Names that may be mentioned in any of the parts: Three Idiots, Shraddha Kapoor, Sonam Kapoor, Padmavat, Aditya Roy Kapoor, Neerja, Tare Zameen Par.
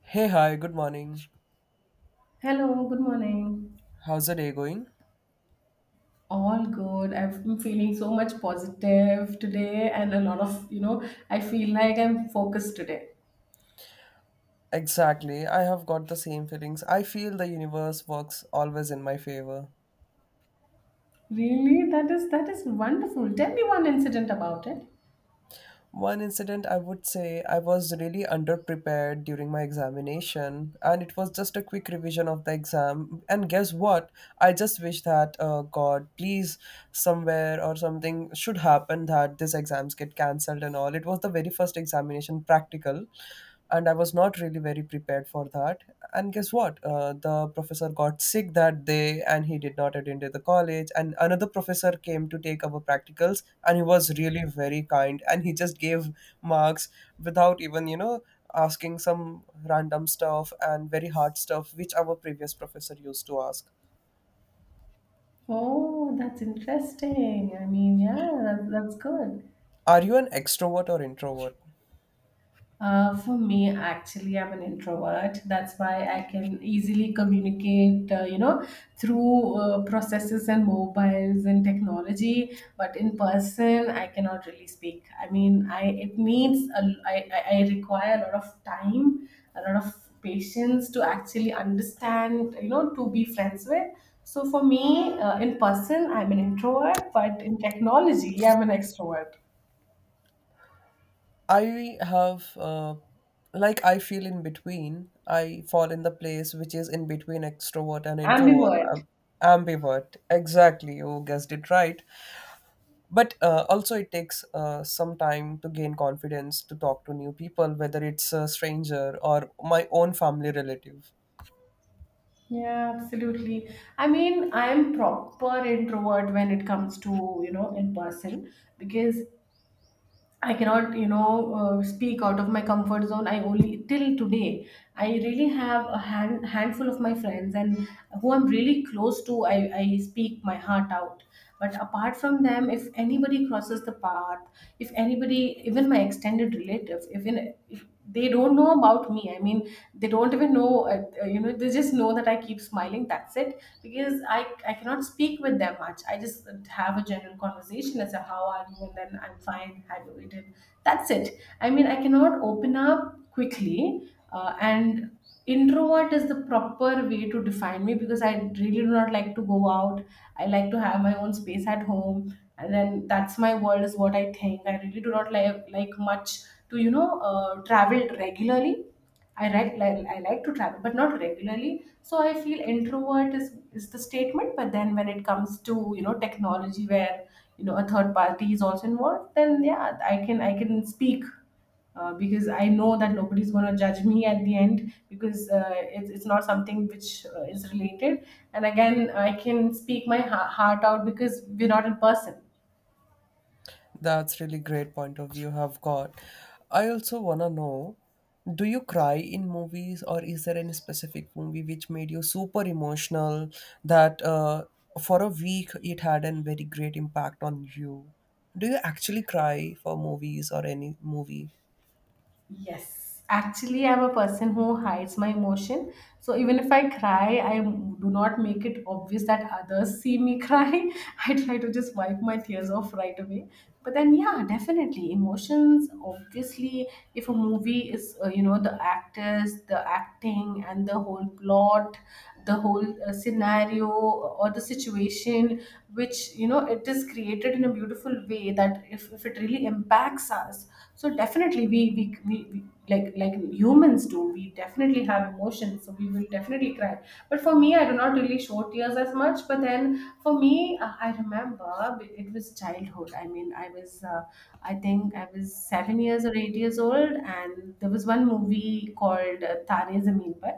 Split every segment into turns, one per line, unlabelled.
Hey, hi, good morning.
Hello, good morning.
How's the day going?
All good. I've been feeling so much positive today and a lot I feel like I'm focused today.
Exactly, I have got the same feelings. I feel the universe works always in my favor.
Really? That is wonderful. Tell me one incident about it.
One incident I would say, I was really underprepared during my examination, and it was just a quick revision of the exam. And guess what? I just wish that, God, please, somewhere or something should happen that these exams get cancelled and all. It was the very first examination practical, and I was not really very prepared for that. And guess what? The professor got sick that day and he did not attend to the college. And another professor came to take our practicals, and he was really very kind and he just gave marks without even asking some random stuff and very hard stuff which our previous professor used to ask.
Oh, that's interesting. I mean, yeah, that's good.
Are you an extrovert or introvert?
For me, actually, I'm an introvert. That's why I can easily communicate, through processes and mobiles and technology. But in person, I cannot really speak. I mean, I it needs a, I require a lot of time, a lot of patience to actually understand, you know, to be friends with. So for me, in person, I'm an introvert, but in technology, I'm an extrovert,
I have like, I feel in between. I fall in the place which is in between extrovert and introvert.
ambivert.
Ambivert, exactly, you guessed it right. But also it takes some time to gain confidence to talk to new people, whether it's a stranger or my own family relative.
Yeah, absolutely. I mean, I'm proper introvert when it comes to, you know, in person because I cannot, speak out of my comfort zone. I only till today, I really have a hand, handful of my friends and who I'm really close to, I speak my heart out. But apart from them, if anybody crosses the path, if anybody, even my extended relative, even they don't know about me. I mean, they don't even know they just know that I keep smiling, that's it, because I cannot speak with them much. I just have a general conversation as a how are you and then I'm fine, have you eaten. That's it. I mean, I cannot open up quickly and introvert is the proper way to define me because I really do not like to go out. I like to have my own space at home, and then that's my world is what I think. I really do not like much to travel regularly. I like, I like to travel but not regularly. So I feel introvert is the statement. But then when it comes to, you know, technology where you know a third party is also involved, then yeah, I can, I can speak because I know that nobody's going to judge me at the end, because it's not something which is related. And again, I can speak my heart out because we're not in person.
That's really great point of view have got. I also want to know, do you cry in movies, or is there any specific movie which made you super emotional that for a week it had a very great impact on you? Do you actually cry for movies or any movie?
Yes. Actually, I'm a person who hides my emotion. So even if I cry, I do not make it obvious that others see me cry. I try to just wipe my tears off right away. But then, yeah, definitely emotions. Obviously, if a movie is, the actors, the acting, and the whole plot, the whole scenario or the situation which you know it is created in a beautiful way, that if it really impacts us, so definitely we like humans do, we definitely have emotions, so we will definitely cry. But for me, I do not really show tears as much. But then for me, I remember it was childhood. I mean, I was I think I was 7 years or 8 years old, and there was one movie called Tare Zameen Par.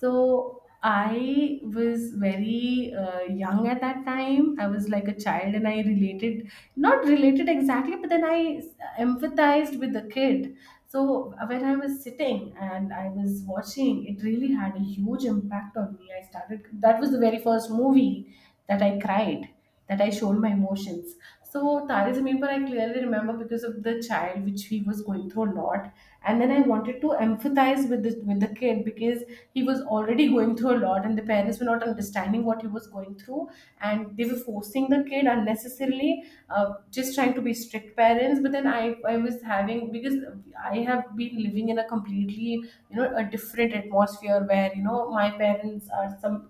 So I was very young at that time. I was like a child and I related, not related exactly, but then I empathized with the kid. So when I was sitting and I was watching, it really had a huge impact on me. I started, that was the very first movie that I cried, that I showed my emotions. So Tare Zameen Par I clearly remember because of the child which he was going through a lot, and then I wanted to empathize with the kid because he was already going through a lot, and the parents were not understanding what he was going through, and they were forcing the kid unnecessarily, just trying to be strict parents. But then I was having because I have been living in a completely you know a different atmosphere where you know my parents are some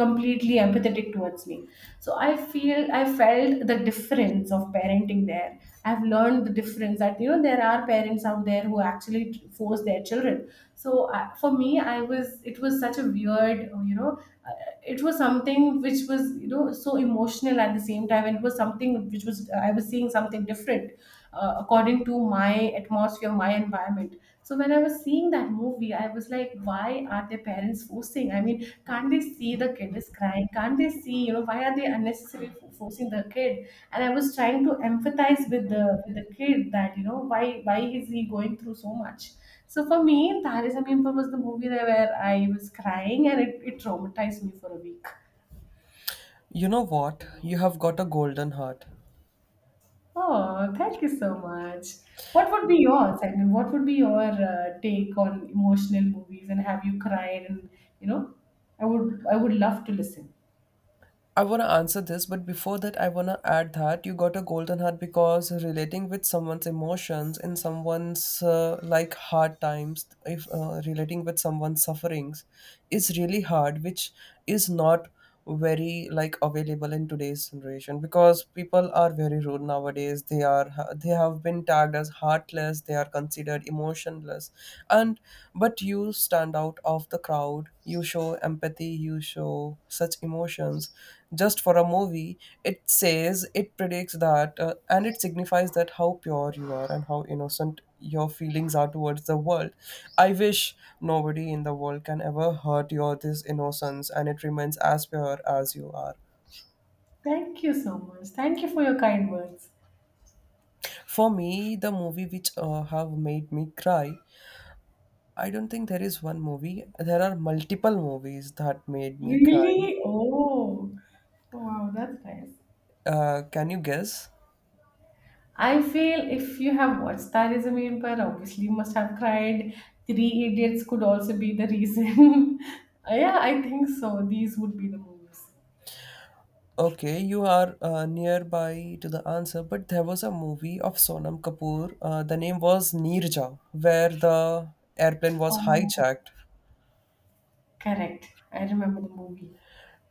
completely empathetic towards me. So I feel, I felt the difference of parenting there. I've learned the difference that you know there are parents out there who actually force their children. So for me, I was, it was such a weird it was something which was you know so emotional at the same time, and it was something which was I was seeing something different according to my my atmosphere, my environment. So when I was seeing that movie, I was like, why are their parents forcing? I mean, can't they see the kid is crying? Can't they see, you know, why are they unnecessarily forcing the kid? And I was trying to empathize with the kid, that you know why is he going through so much. So for me, Taris Amin was the movie that where I was crying and it traumatized me for a week.
You know what, you have got a golden heart.
Oh, thank you so much. What would be yours? I mean, what would be your take on emotional movies? And have you cried? And you know, I would love to listen.
I want to answer this, but before that, I want to add that you got a golden heart because relating with someone's emotions in someone's like hard times, if relating with someone's sufferings is really hard, which is not very like available in today's generation, because people are very rude nowadays. They have been tagged as heartless. They are considered motionless, and but you stand out of the crowd. You show empathy, you show such emotions just for a movie. It says, it predicts that and it signifies that how pure you are and how innocent your feelings are towards the world. I wish nobody in the world can ever hurt your this innocence, and it remains as pure as you are.
Thank you so much. Thank you for your kind words.
For me, the movie which have made me cry, I don't think there is one movie. There are multiple movies that made me cry.
Really? Oh, wow, that's nice.
Can you guess?
I feel if you have watched Star is a Main Pair, obviously you must have cried. Three Idiots could also be the reason. Yeah, I think so. These would be the movies.
Okay, you are nearby to the answer, but there was a movie of Sonam Kapoor. The name was Neerja, where the airplane was
Oh,
hijacked.
correct. I remember the movie.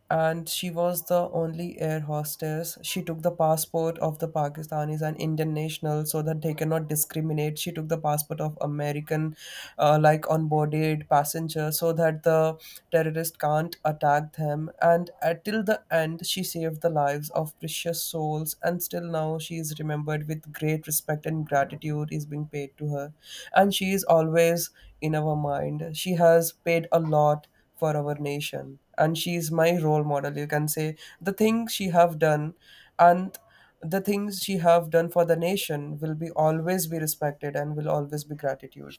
And she was the only air hostess. She took the passport of the Pakistanis and Indian nationals so that they cannot discriminate. She took the passport of American, like onboarded passengers, so that the terrorist can't attack them. And at till the end, she saved the lives of precious souls. And still now, she is remembered with great respect and gratitude is being paid to her. And she is always in our mind. She has paid a lot for our nation, and she is my role model, you can say. The things she have done, and the things she have done for the nation will be always be respected and will always be gratitude.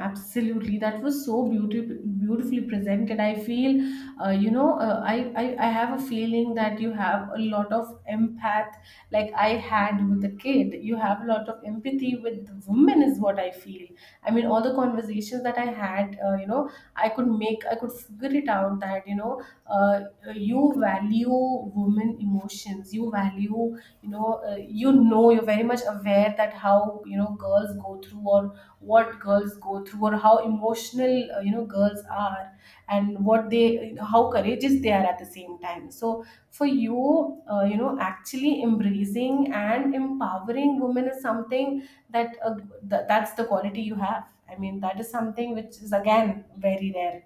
Absolutely, that was so beautiful, beautifully presented. I feel, I have a feeling that you have a lot of empath, like I had with the kid. You have a lot of empathy with the woman, is what I feel. I mean, all the conversations that I had, I could figure it out that you know, you value women emotions. You value, you're very much aware that how you know girls go through, or what girls go through, or how emotional girls are, and what they how courageous they are at the same time. So for you, you know actually embracing and empowering women is something that that's the quality you have. I mean, that is something which is again very rare.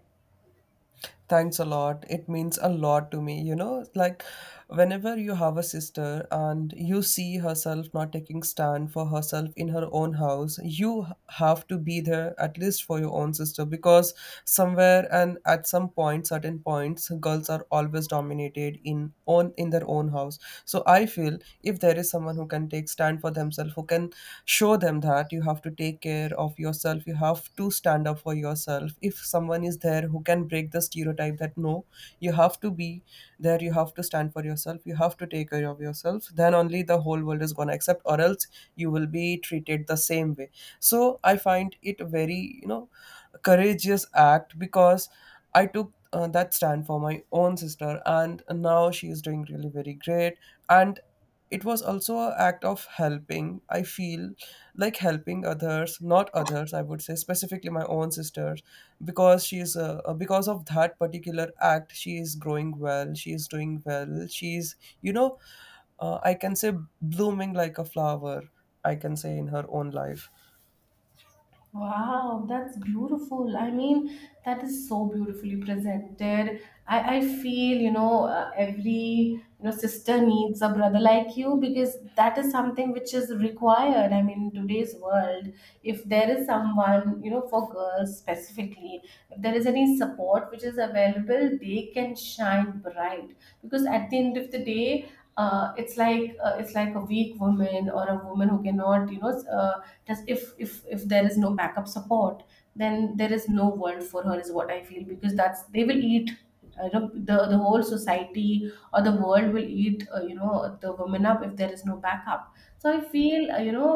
Thanks a lot. It means a lot to me. You know, like whenever you have a sister and you see herself not taking stand for herself in her own house, you h- have to be there at least for your own sister, because somewhere and at some point, certain points, girls are always dominated in own in their own house. So I feel if there is someone who can take stand for themselves, who can show them that you have to take care of yourself, you have to stand up for yourself, if someone is there who can break the stereotype that no, you have to be there, you have to stand for yourself, you have to take care of yourself, then only the whole world is going to accept, or else you will be treated the same way. So I find it very, you know, courageous act, because I took that stand for my own sister, and now she is doing really very great. And it was also an act of helping. I feel like helping others, not others, I would say specifically my own sisters, because she is because of that particular act, she is growing well. She is doing well. She is, you know, I can say blooming like a flower. I can say in her own life.
Wow, that's beautiful. I mean, that is so beautifully presented. I feel, you know, you know, sister needs a brother like you because that is something which is required. I mean, in today's world, if there is someone, you know, for girls specifically, if there is any support which is available, they can shine bright because at the end of the day, it's like a weak woman, or a woman who cannot, you know, s- just if there is no backup support, then there is no world for her is what I feel, because that's they will eat you know, the whole society or the world will eat you know the women up if there is no backup. So I feel, you know,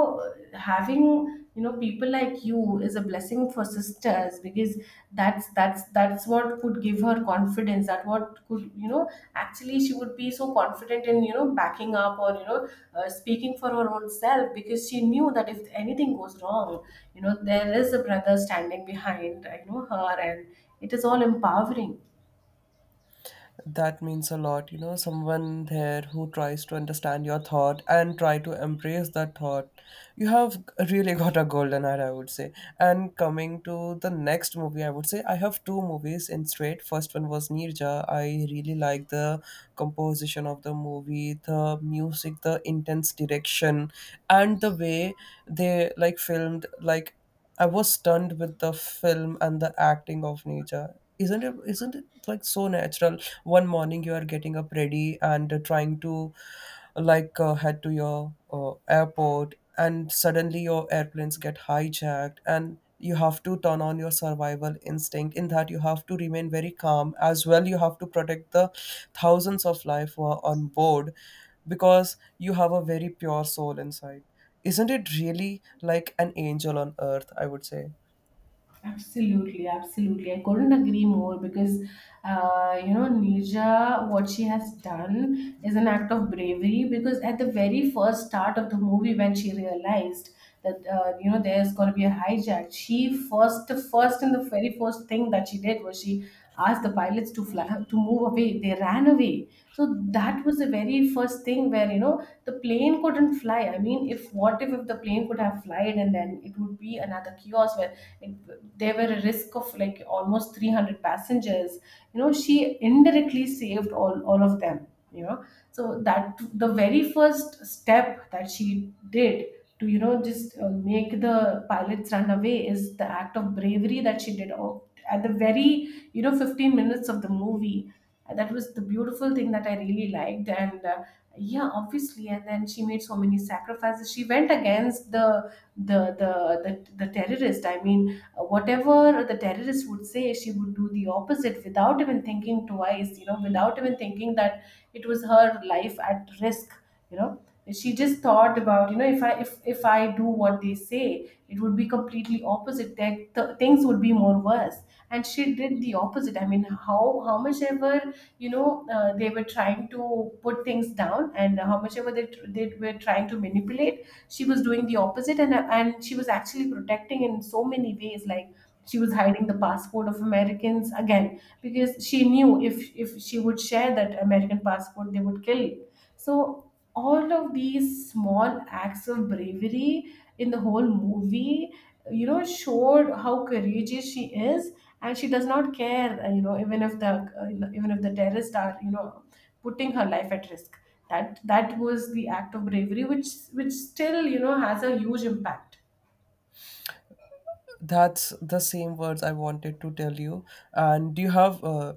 having you know people like you is a blessing for sisters because that's what could give her confidence, that what could you know actually she would be so confident in you know backing up or you know speaking for her own self, because she knew that if anything goes wrong, you know there is a brother standing behind you know her, and it is all empowering.
That means a lot. You know, someone there who tries to understand your thought and try to embrace that thought. You have really got a golden hour, I would say. And coming to the next movie, I would say I have two movies in straight. First one was Nirja. I really like the composition of the movie, the music, the intense direction, and the way they like filmed, like I was stunned with the film and the acting of Nirja. Isn't it, isn't it like so natural? One morning you are getting up ready and trying to like head to your airport, and suddenly your airplanes get hijacked and you have to turn on your survival instinct. In that, you have to remain very calm as well. You have to protect the thousands of life who are on board because you have a very pure soul inside. Isn't it really like an angel on earth, I would say.
Absolutely, absolutely. I couldn't agree more because, you know, Nija, what she has done is an act of bravery, because at the very first start of the movie, when she realized that, you know, there's going to be a hijack, she first, first and the very first thing that she did was she asked the pilots to fly, to move away. They ran away. So that was the very first thing where, you know, the plane couldn't fly. I mean, if what if the plane could have flied, and then it would be another chaos where like, there were a risk of like almost 300 passengers. You know, she indirectly saved all of them, you know, so that the very first step that she did to you know just make the pilots run away is the act of bravery that she did at the very you know 15 minutes of the movie. And that was the beautiful thing that I really liked. And yeah, obviously, and then she made so many sacrifices. She went against the the the, the terrorist. I mean, whatever the terrorist would say, she would do the opposite without even thinking twice, you know, without even thinking that it was her life at risk, you know. She just thought about, you know, if I do what they say, it would be completely opposite. Things would be more worse, and she did the opposite. I mean, how much ever they were trying to put things down, and how much ever they were trying to manipulate. She was doing the opposite, and she was actually protecting in so many ways. Like, she was hiding the passport of Americans, again, because she knew if she would share that American passport, they would kill it. So all of these small acts of bravery in the whole movie, you know, showed how courageous she is. And she does not care, you know, even if the terrorists are, you know, putting her life at risk. That was the act of bravery which still, you know, has a huge impact.
That's the same words I wanted to tell you. And you have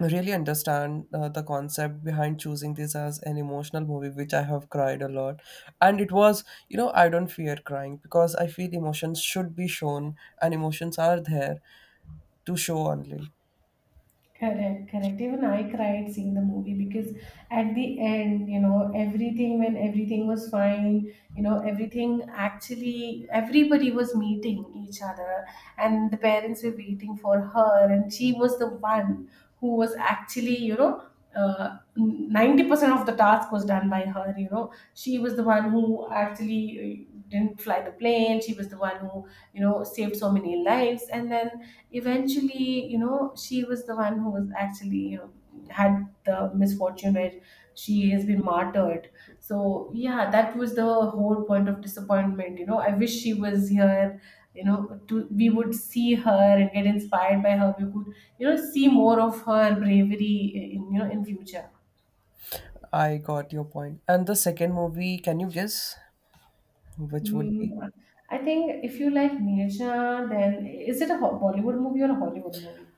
really understand the concept behind choosing this as an emotional movie, which I have cried a lot. And it was, you know, I don't fear crying because I feel emotions should be shown and emotions are there to show only.
Correct, correct. Even I cried seeing the movie because at the end, you know, everything, when everything was fine, you know, everything, actually everybody was meeting each other and the parents were waiting for her, and she was the one who was actually, you know, 90% of the task was done by her, you know. She was the one who actually didn't fly the plane, she was the one who, you know, saved so many lives. And then eventually, you know, she was the one who was actually, you know, had the misfortune where she has been martyred. So yeah, that was the whole point of disappointment. You know, I wish she was here, you know, to, we would see her and get inspired by her, we could, you know, see more of her bravery in, you know, in future.
I got your point. And the second movie, can you guess which would be?
Hmm. I think if you like Neerja, then is it a Bollywood movie or a Hollywood movie?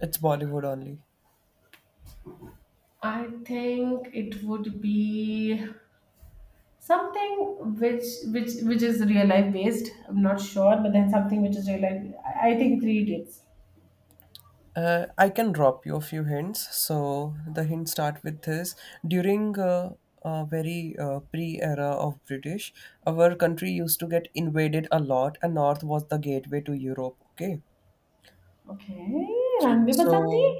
It's Bollywood only.
I think it would be something which, which is real life based. I'm not sure, but then something which is real life. I think three idiots.
I can drop you a few hints. So the hints start with this: during a very pre-era of British, our country used to get invaded a lot, and North was the gateway to Europe. Okay,
Okay. Ranbir, Basanti.
so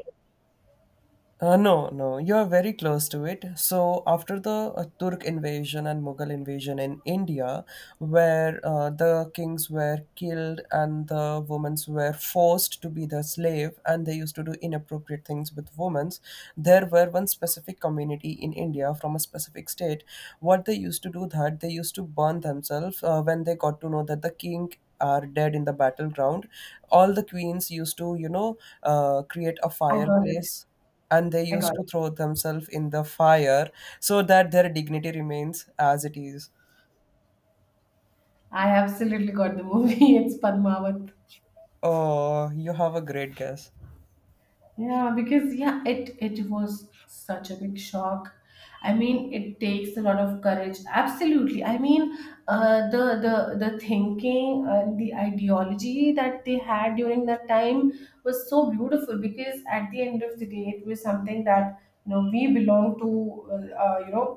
uh, no, no, you are very close to it. So, after the Turk invasion and Mughal invasion in India, where the kings were killed and the women were forced to be the slave and they used to do inappropriate things with women, there were one specific community in India from a specific state. What they used to do that they used to burn themselves when they got to know that the king are dead in the battleground. All the queens used to, you know, create a
I got it.
fireplace, and they
I
used
got
to
it.
throw themselves in the fire so that their dignity remains as it is.
I absolutely got the movie. It's Padmavat.
Oh, you have a great guess.
Yeah, because yeah, it was such a big shock. I mean, it takes a lot of courage. Absolutely. I mean, the thinking, the ideology that they had during that time was so beautiful, because at the end of the day, it was something that, you know, we belong to, uh, you know,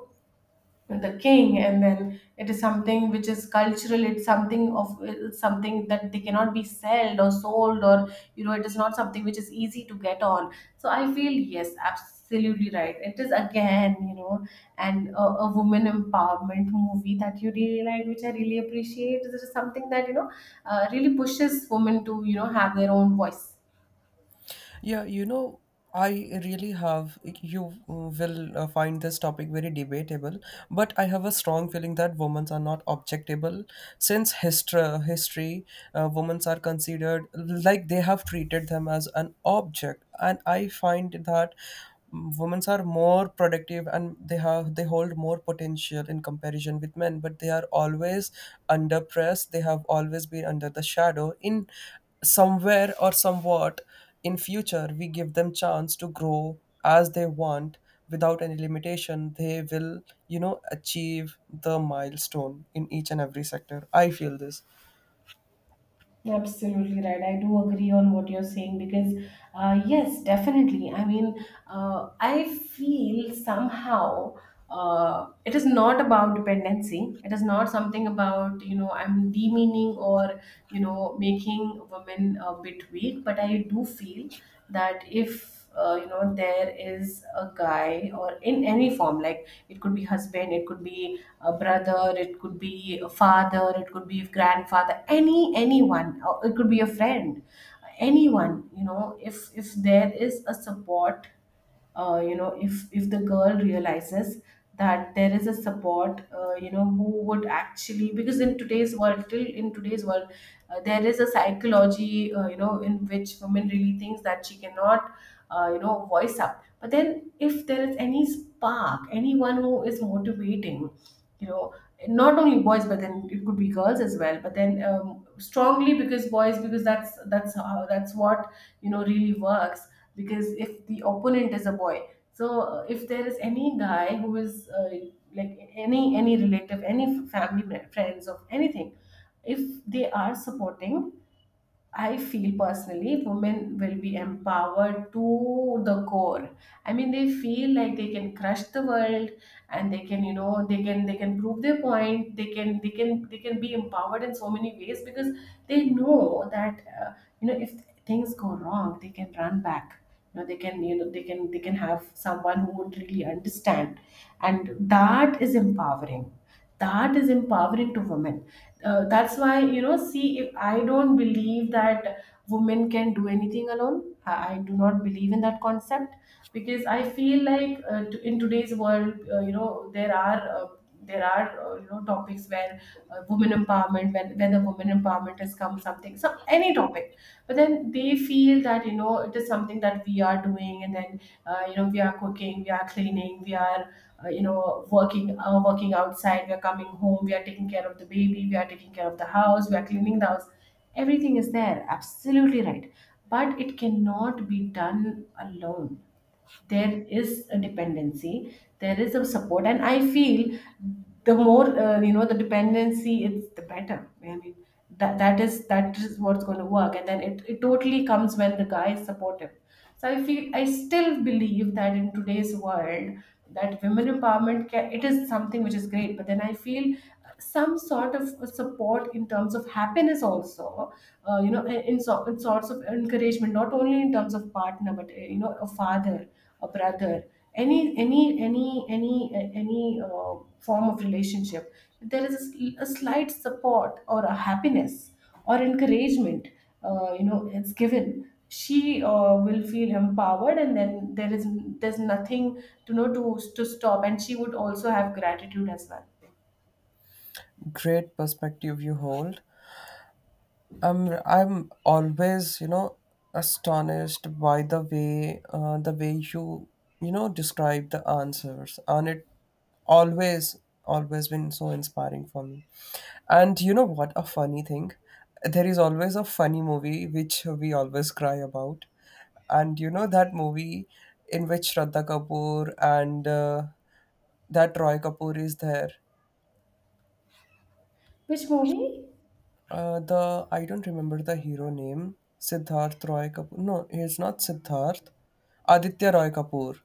the king. And then it is something which is cultural, it's something of, it's something that they cannot be sold or sold, or you know, it is not something which is easy to get on. So I feel yes, absolutely right, it is again, you know, and a woman empowerment movie that you really like, which I really appreciate. It is something that, you know, really pushes women to, you know, have their own voice.
Yeah, you know, I really have. You will find this topic very debatable, but I have a strong feeling that women are not objectable. Since history, women are considered like they have treated them as an object, and I find that women are more productive and they hold more potential in comparison with men, but they are always under press. They have always been under the shadow in somewhere or somewhat. In future, we give them chance to grow as they want without any limitation. They will, you know, achieve the milestone in each and every sector. I feel this.
Absolutely right. I do agree on what you're saying because, yes, definitely. I mean, I feel somehow it is not about dependency. It is not something about, you know, I'm demeaning or, you know, making women a bit weak, but I do feel that if, you know, there is a guy, or in any form, like it could be husband, it could be a brother, it could be a father, it could be a grandfather, anyone, or it could be a friend, anyone, you know, if there is a support, you know, if the girl realizes that there is a support, you know, who would actually, because in today's world, there is a psychology, you know, in which women really thinks that she cannot, you know, voice up. But then if there is any spark, anyone who is motivating, you know, not only boys, but then it could be girls as well. But then strongly because boys, because that's how, that's what, you know, really works, because if the opponent is a boy. So if there is any guy who is like any relative, any family, friends, of anything, if they are supporting, I feel personally women will be empowered to the core. I mean, they feel like they can crush the world, and they can, you know, they can, they can prove their point, they can, they can, they can be empowered in so many ways, because they know that, you know, if things go wrong, they can run back, you know, they can, you know, they can, they can have someone who would really understand. And that is empowering, that is empowering to women. Uh, that's why, you know, see, if I don't believe that women can do anything alone. I do not believe in that concept, because I feel like, in today's world, you know, there are, you know, topics where, women empowerment has come something. So some any topic, but then they feel that, you know, it is something that we are doing. And then, you know, we are cooking, we are cleaning, we are, you know, working, working outside, we are coming home, we are taking care of the baby, we are taking care of the house, we are cleaning the house, everything is there, absolutely right. But it cannot be done alone. There is a dependency, there is a support. And I feel the more, you know, the dependency, it's the better. I mean, that is, that is what's going to work. And then it totally comes when the guy is supportive. So I feel I still believe that in today's world, that women empowerment can, it is something which is great, but then I feel some sort of support in terms of happiness also, you know, in sorts of encouragement, not only in terms of partner, but you know, a father, a brother, any form of relationship. If there is a, a slight support or a happiness or encouragement, you know, it's given, she will feel empowered. And then there is, there's nothing to know, to stop, and she would also have gratitude as well.
Great perspective you hold. I'm always, you know, astonished by the way you, you know, describe the answers, and it always always been so inspiring for me. And you know what a funny thing, there is always a funny movie which we always cry about, and you know that movie in which Shraddha Kapoor and that Roy Kapoor is there.
Which movie?
The I don't remember the hero name. Siddharth Roy Kapoor. No, it's not Siddharth. Aditya Roy Kapoor.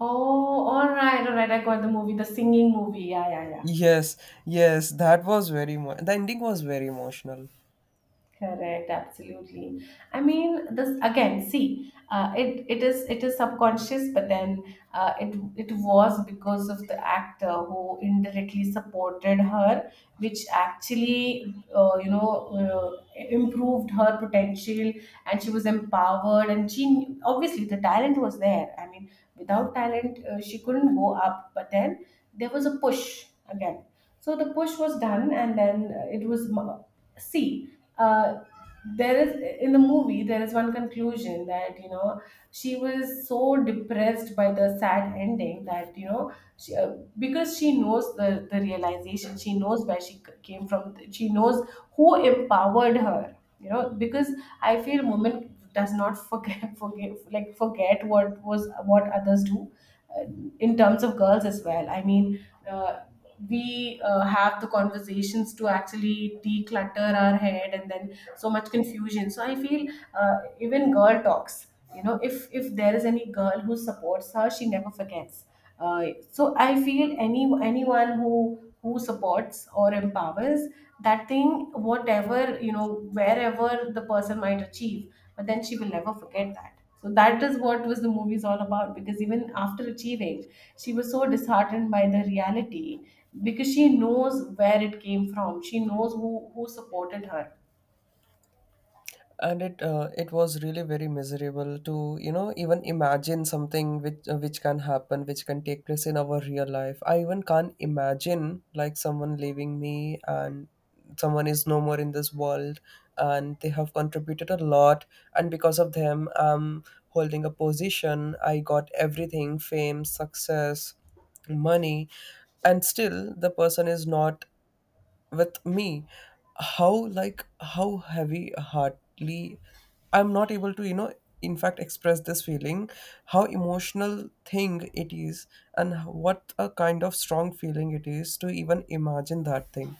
Oh, alright, alright. I got the movie, the singing movie. Yeah, yeah, yeah.
Yes, yes, that was very. The ending was very emotional.
Correct, absolutely. I mean, this again. See, it is, it is subconscious, but then it, it was because of the actor who indirectly supported her, which actually, you know, improved her potential, and she was empowered. And she knew, obviously the talent was there. I mean, without talent, she couldn't go up. But then there was a push, again. So the push was done. And then it was, see, uh, there is, in the movie there is one conclusion that, you know, she was so depressed by the sad ending that, you know, she, because she knows the realization, she knows where came from, she knows who empowered her, you know, because I feel women does not forget forget, like, forget what was, what others do, uh, in terms of girls as well. I mean, we have the conversations to actually declutter our head, and then so much confusion. So I feel, even girl talks, you know, if there is any girl who supports her, she never forgets, uh, so I feel any anyone who supports or empowers, that thing, whatever, you know, wherever the person might achieve, but then she will never forget that. So that is what was the movie's all about, because even after achieving, she was so disheartened by the reality, because she knows where it came from, she knows who supported her.
And it it was really very miserable to, you know, even imagine something which can happen, which can take place in our real life. I even can't imagine, like, someone leaving me and someone is no more in this world, and they have contributed a lot, and because of them I'm holding a position. I got everything, fame, success, money, and still the person is not with me. How, like, how heavy heartedly, I'm not able to, you know, in fact express this feeling. How emotional thing it is, and what a kind of strong feeling it is to even imagine that thing.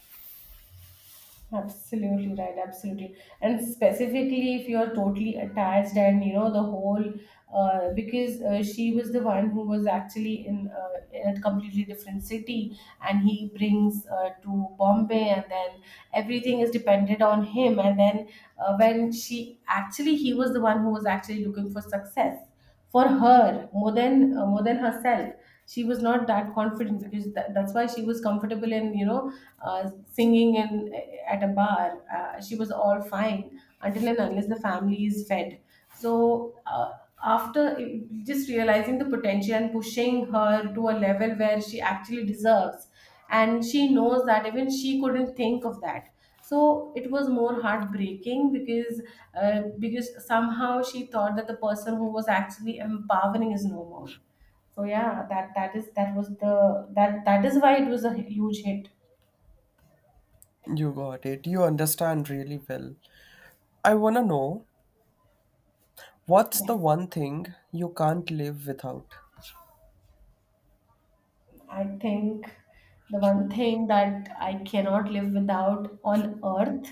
Absolutely right, absolutely. And specifically, if you're totally attached, and you know the whole, because she was the one who was actually in a completely different city, and he brings, to Bombay, and then everything is dependent on him. And then when she actually, he was the one who was actually looking for success for her more than, more than herself. She was not that confident, because that's why she was comfortable in, you know, singing in at a bar. She was all fine until and unless the family is fed. So after just realizing the potential and pushing her to a level where she actually deserves, and she knows that even she couldn't think of that. So it was more heartbreaking, because somehow she thought that the person who was actually empowering is no more. So yeah, that is, that was the, that is why it was a huge hit.
You got it. You understand really well. I want to know, what's the
Yes,
one thing you can't live without?
I think the one thing that I cannot live without on earth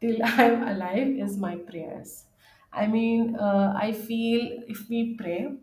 till I'm alive is my prayers. I mean, I feel if we pray,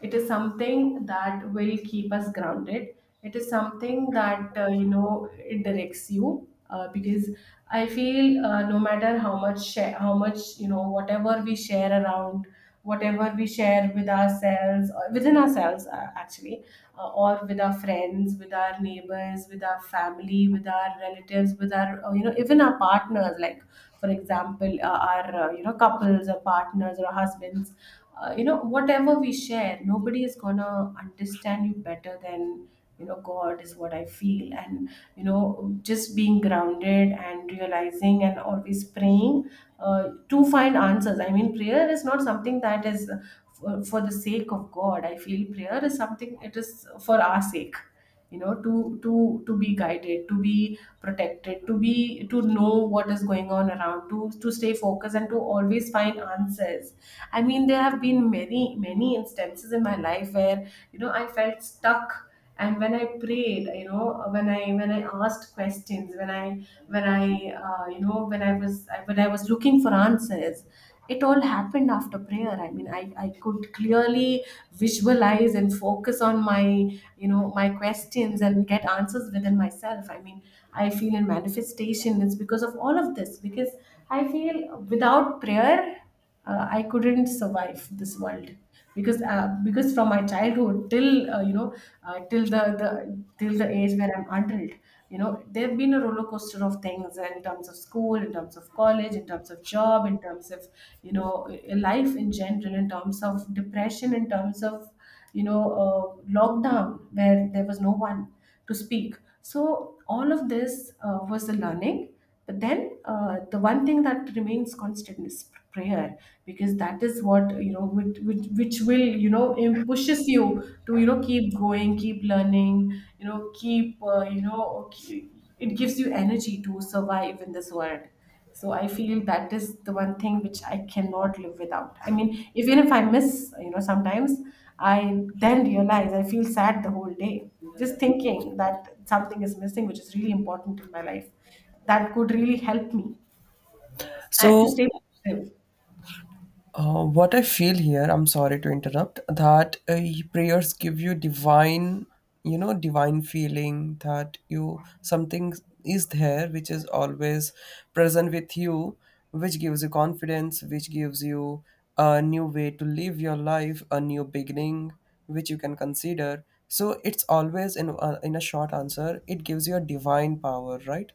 it is something that will keep us grounded. It is something that, you know, it directs you. Because I feel, no matter how much share, how much, you know, whatever we share around, whatever we share with ourselves or within ourselves, actually, or with our friends, with our neighbors, with our family, with our relatives, with our, you know, even our partners, like for example, our you know, couples or partners or husbands, you know, whatever we share, nobody is gonna understand you better than, you know, god, is what I feel. And you know, just being grounded and realizing and always praying, to find answers. I mean, prayer is not something that is, for the sake of god. I feel prayer is something, it is for our sake. You know, to be guided, to be protected, to be to know what is going on around, to stay focused, and to always find answers. I mean, there have been many, many instances in my life where, you know, I felt stuck. And when I prayed, you know, when I asked questions, when I you know, when I was looking for answers, it all happened after prayer. I mean, I could clearly visualize and focus on my, you know, my questions, and get answers within myself. I mean, I feel in manifestation. It's because of all of this. Because I feel without prayer, I couldn't survive this world. Because because from my childhood till, you know, till the till the age where I'm adult, you know, there have been a roller coaster of things in terms of school, in terms of college, in terms of job, in terms of, you know, life in general, in terms of depression, in terms of, you know, lockdown where there was no one to speak. So all of this was a learning. But then the one thing that remains constant is prayer, because that is what, you know, which will, you know, pushes you to, you know, keep going, keep learning, you know, keep, it gives you energy to survive in this world. So I feel that is the one thing which I cannot live without. I mean, even if I miss, you know, sometimes I then realize, I feel sad the whole day. Just thinking that something is missing, which is really important in my life, that could really help me to
So
stay positive.
What I feel here, I'm sorry to interrupt, that prayers give you divine, you know, divine feeling that you something is there which is always present with you, which gives you confidence, which gives you a new way to live your life, a new beginning, which you can consider. So it's always in a short answer, it gives you a divine power, right?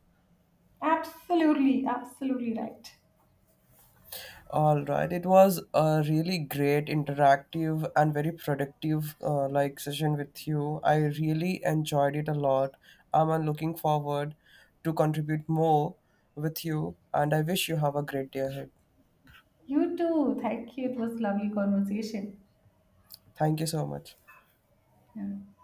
Absolutely, absolutely right.
All right. It was a really great, interactive, and very productive like session with you. I really enjoyed it a lot. I'm looking forward to contribute more with you, and I wish you have a great day ahead.
You too. Thank you. It was lovely conversation.
Thank you so much.
Yeah.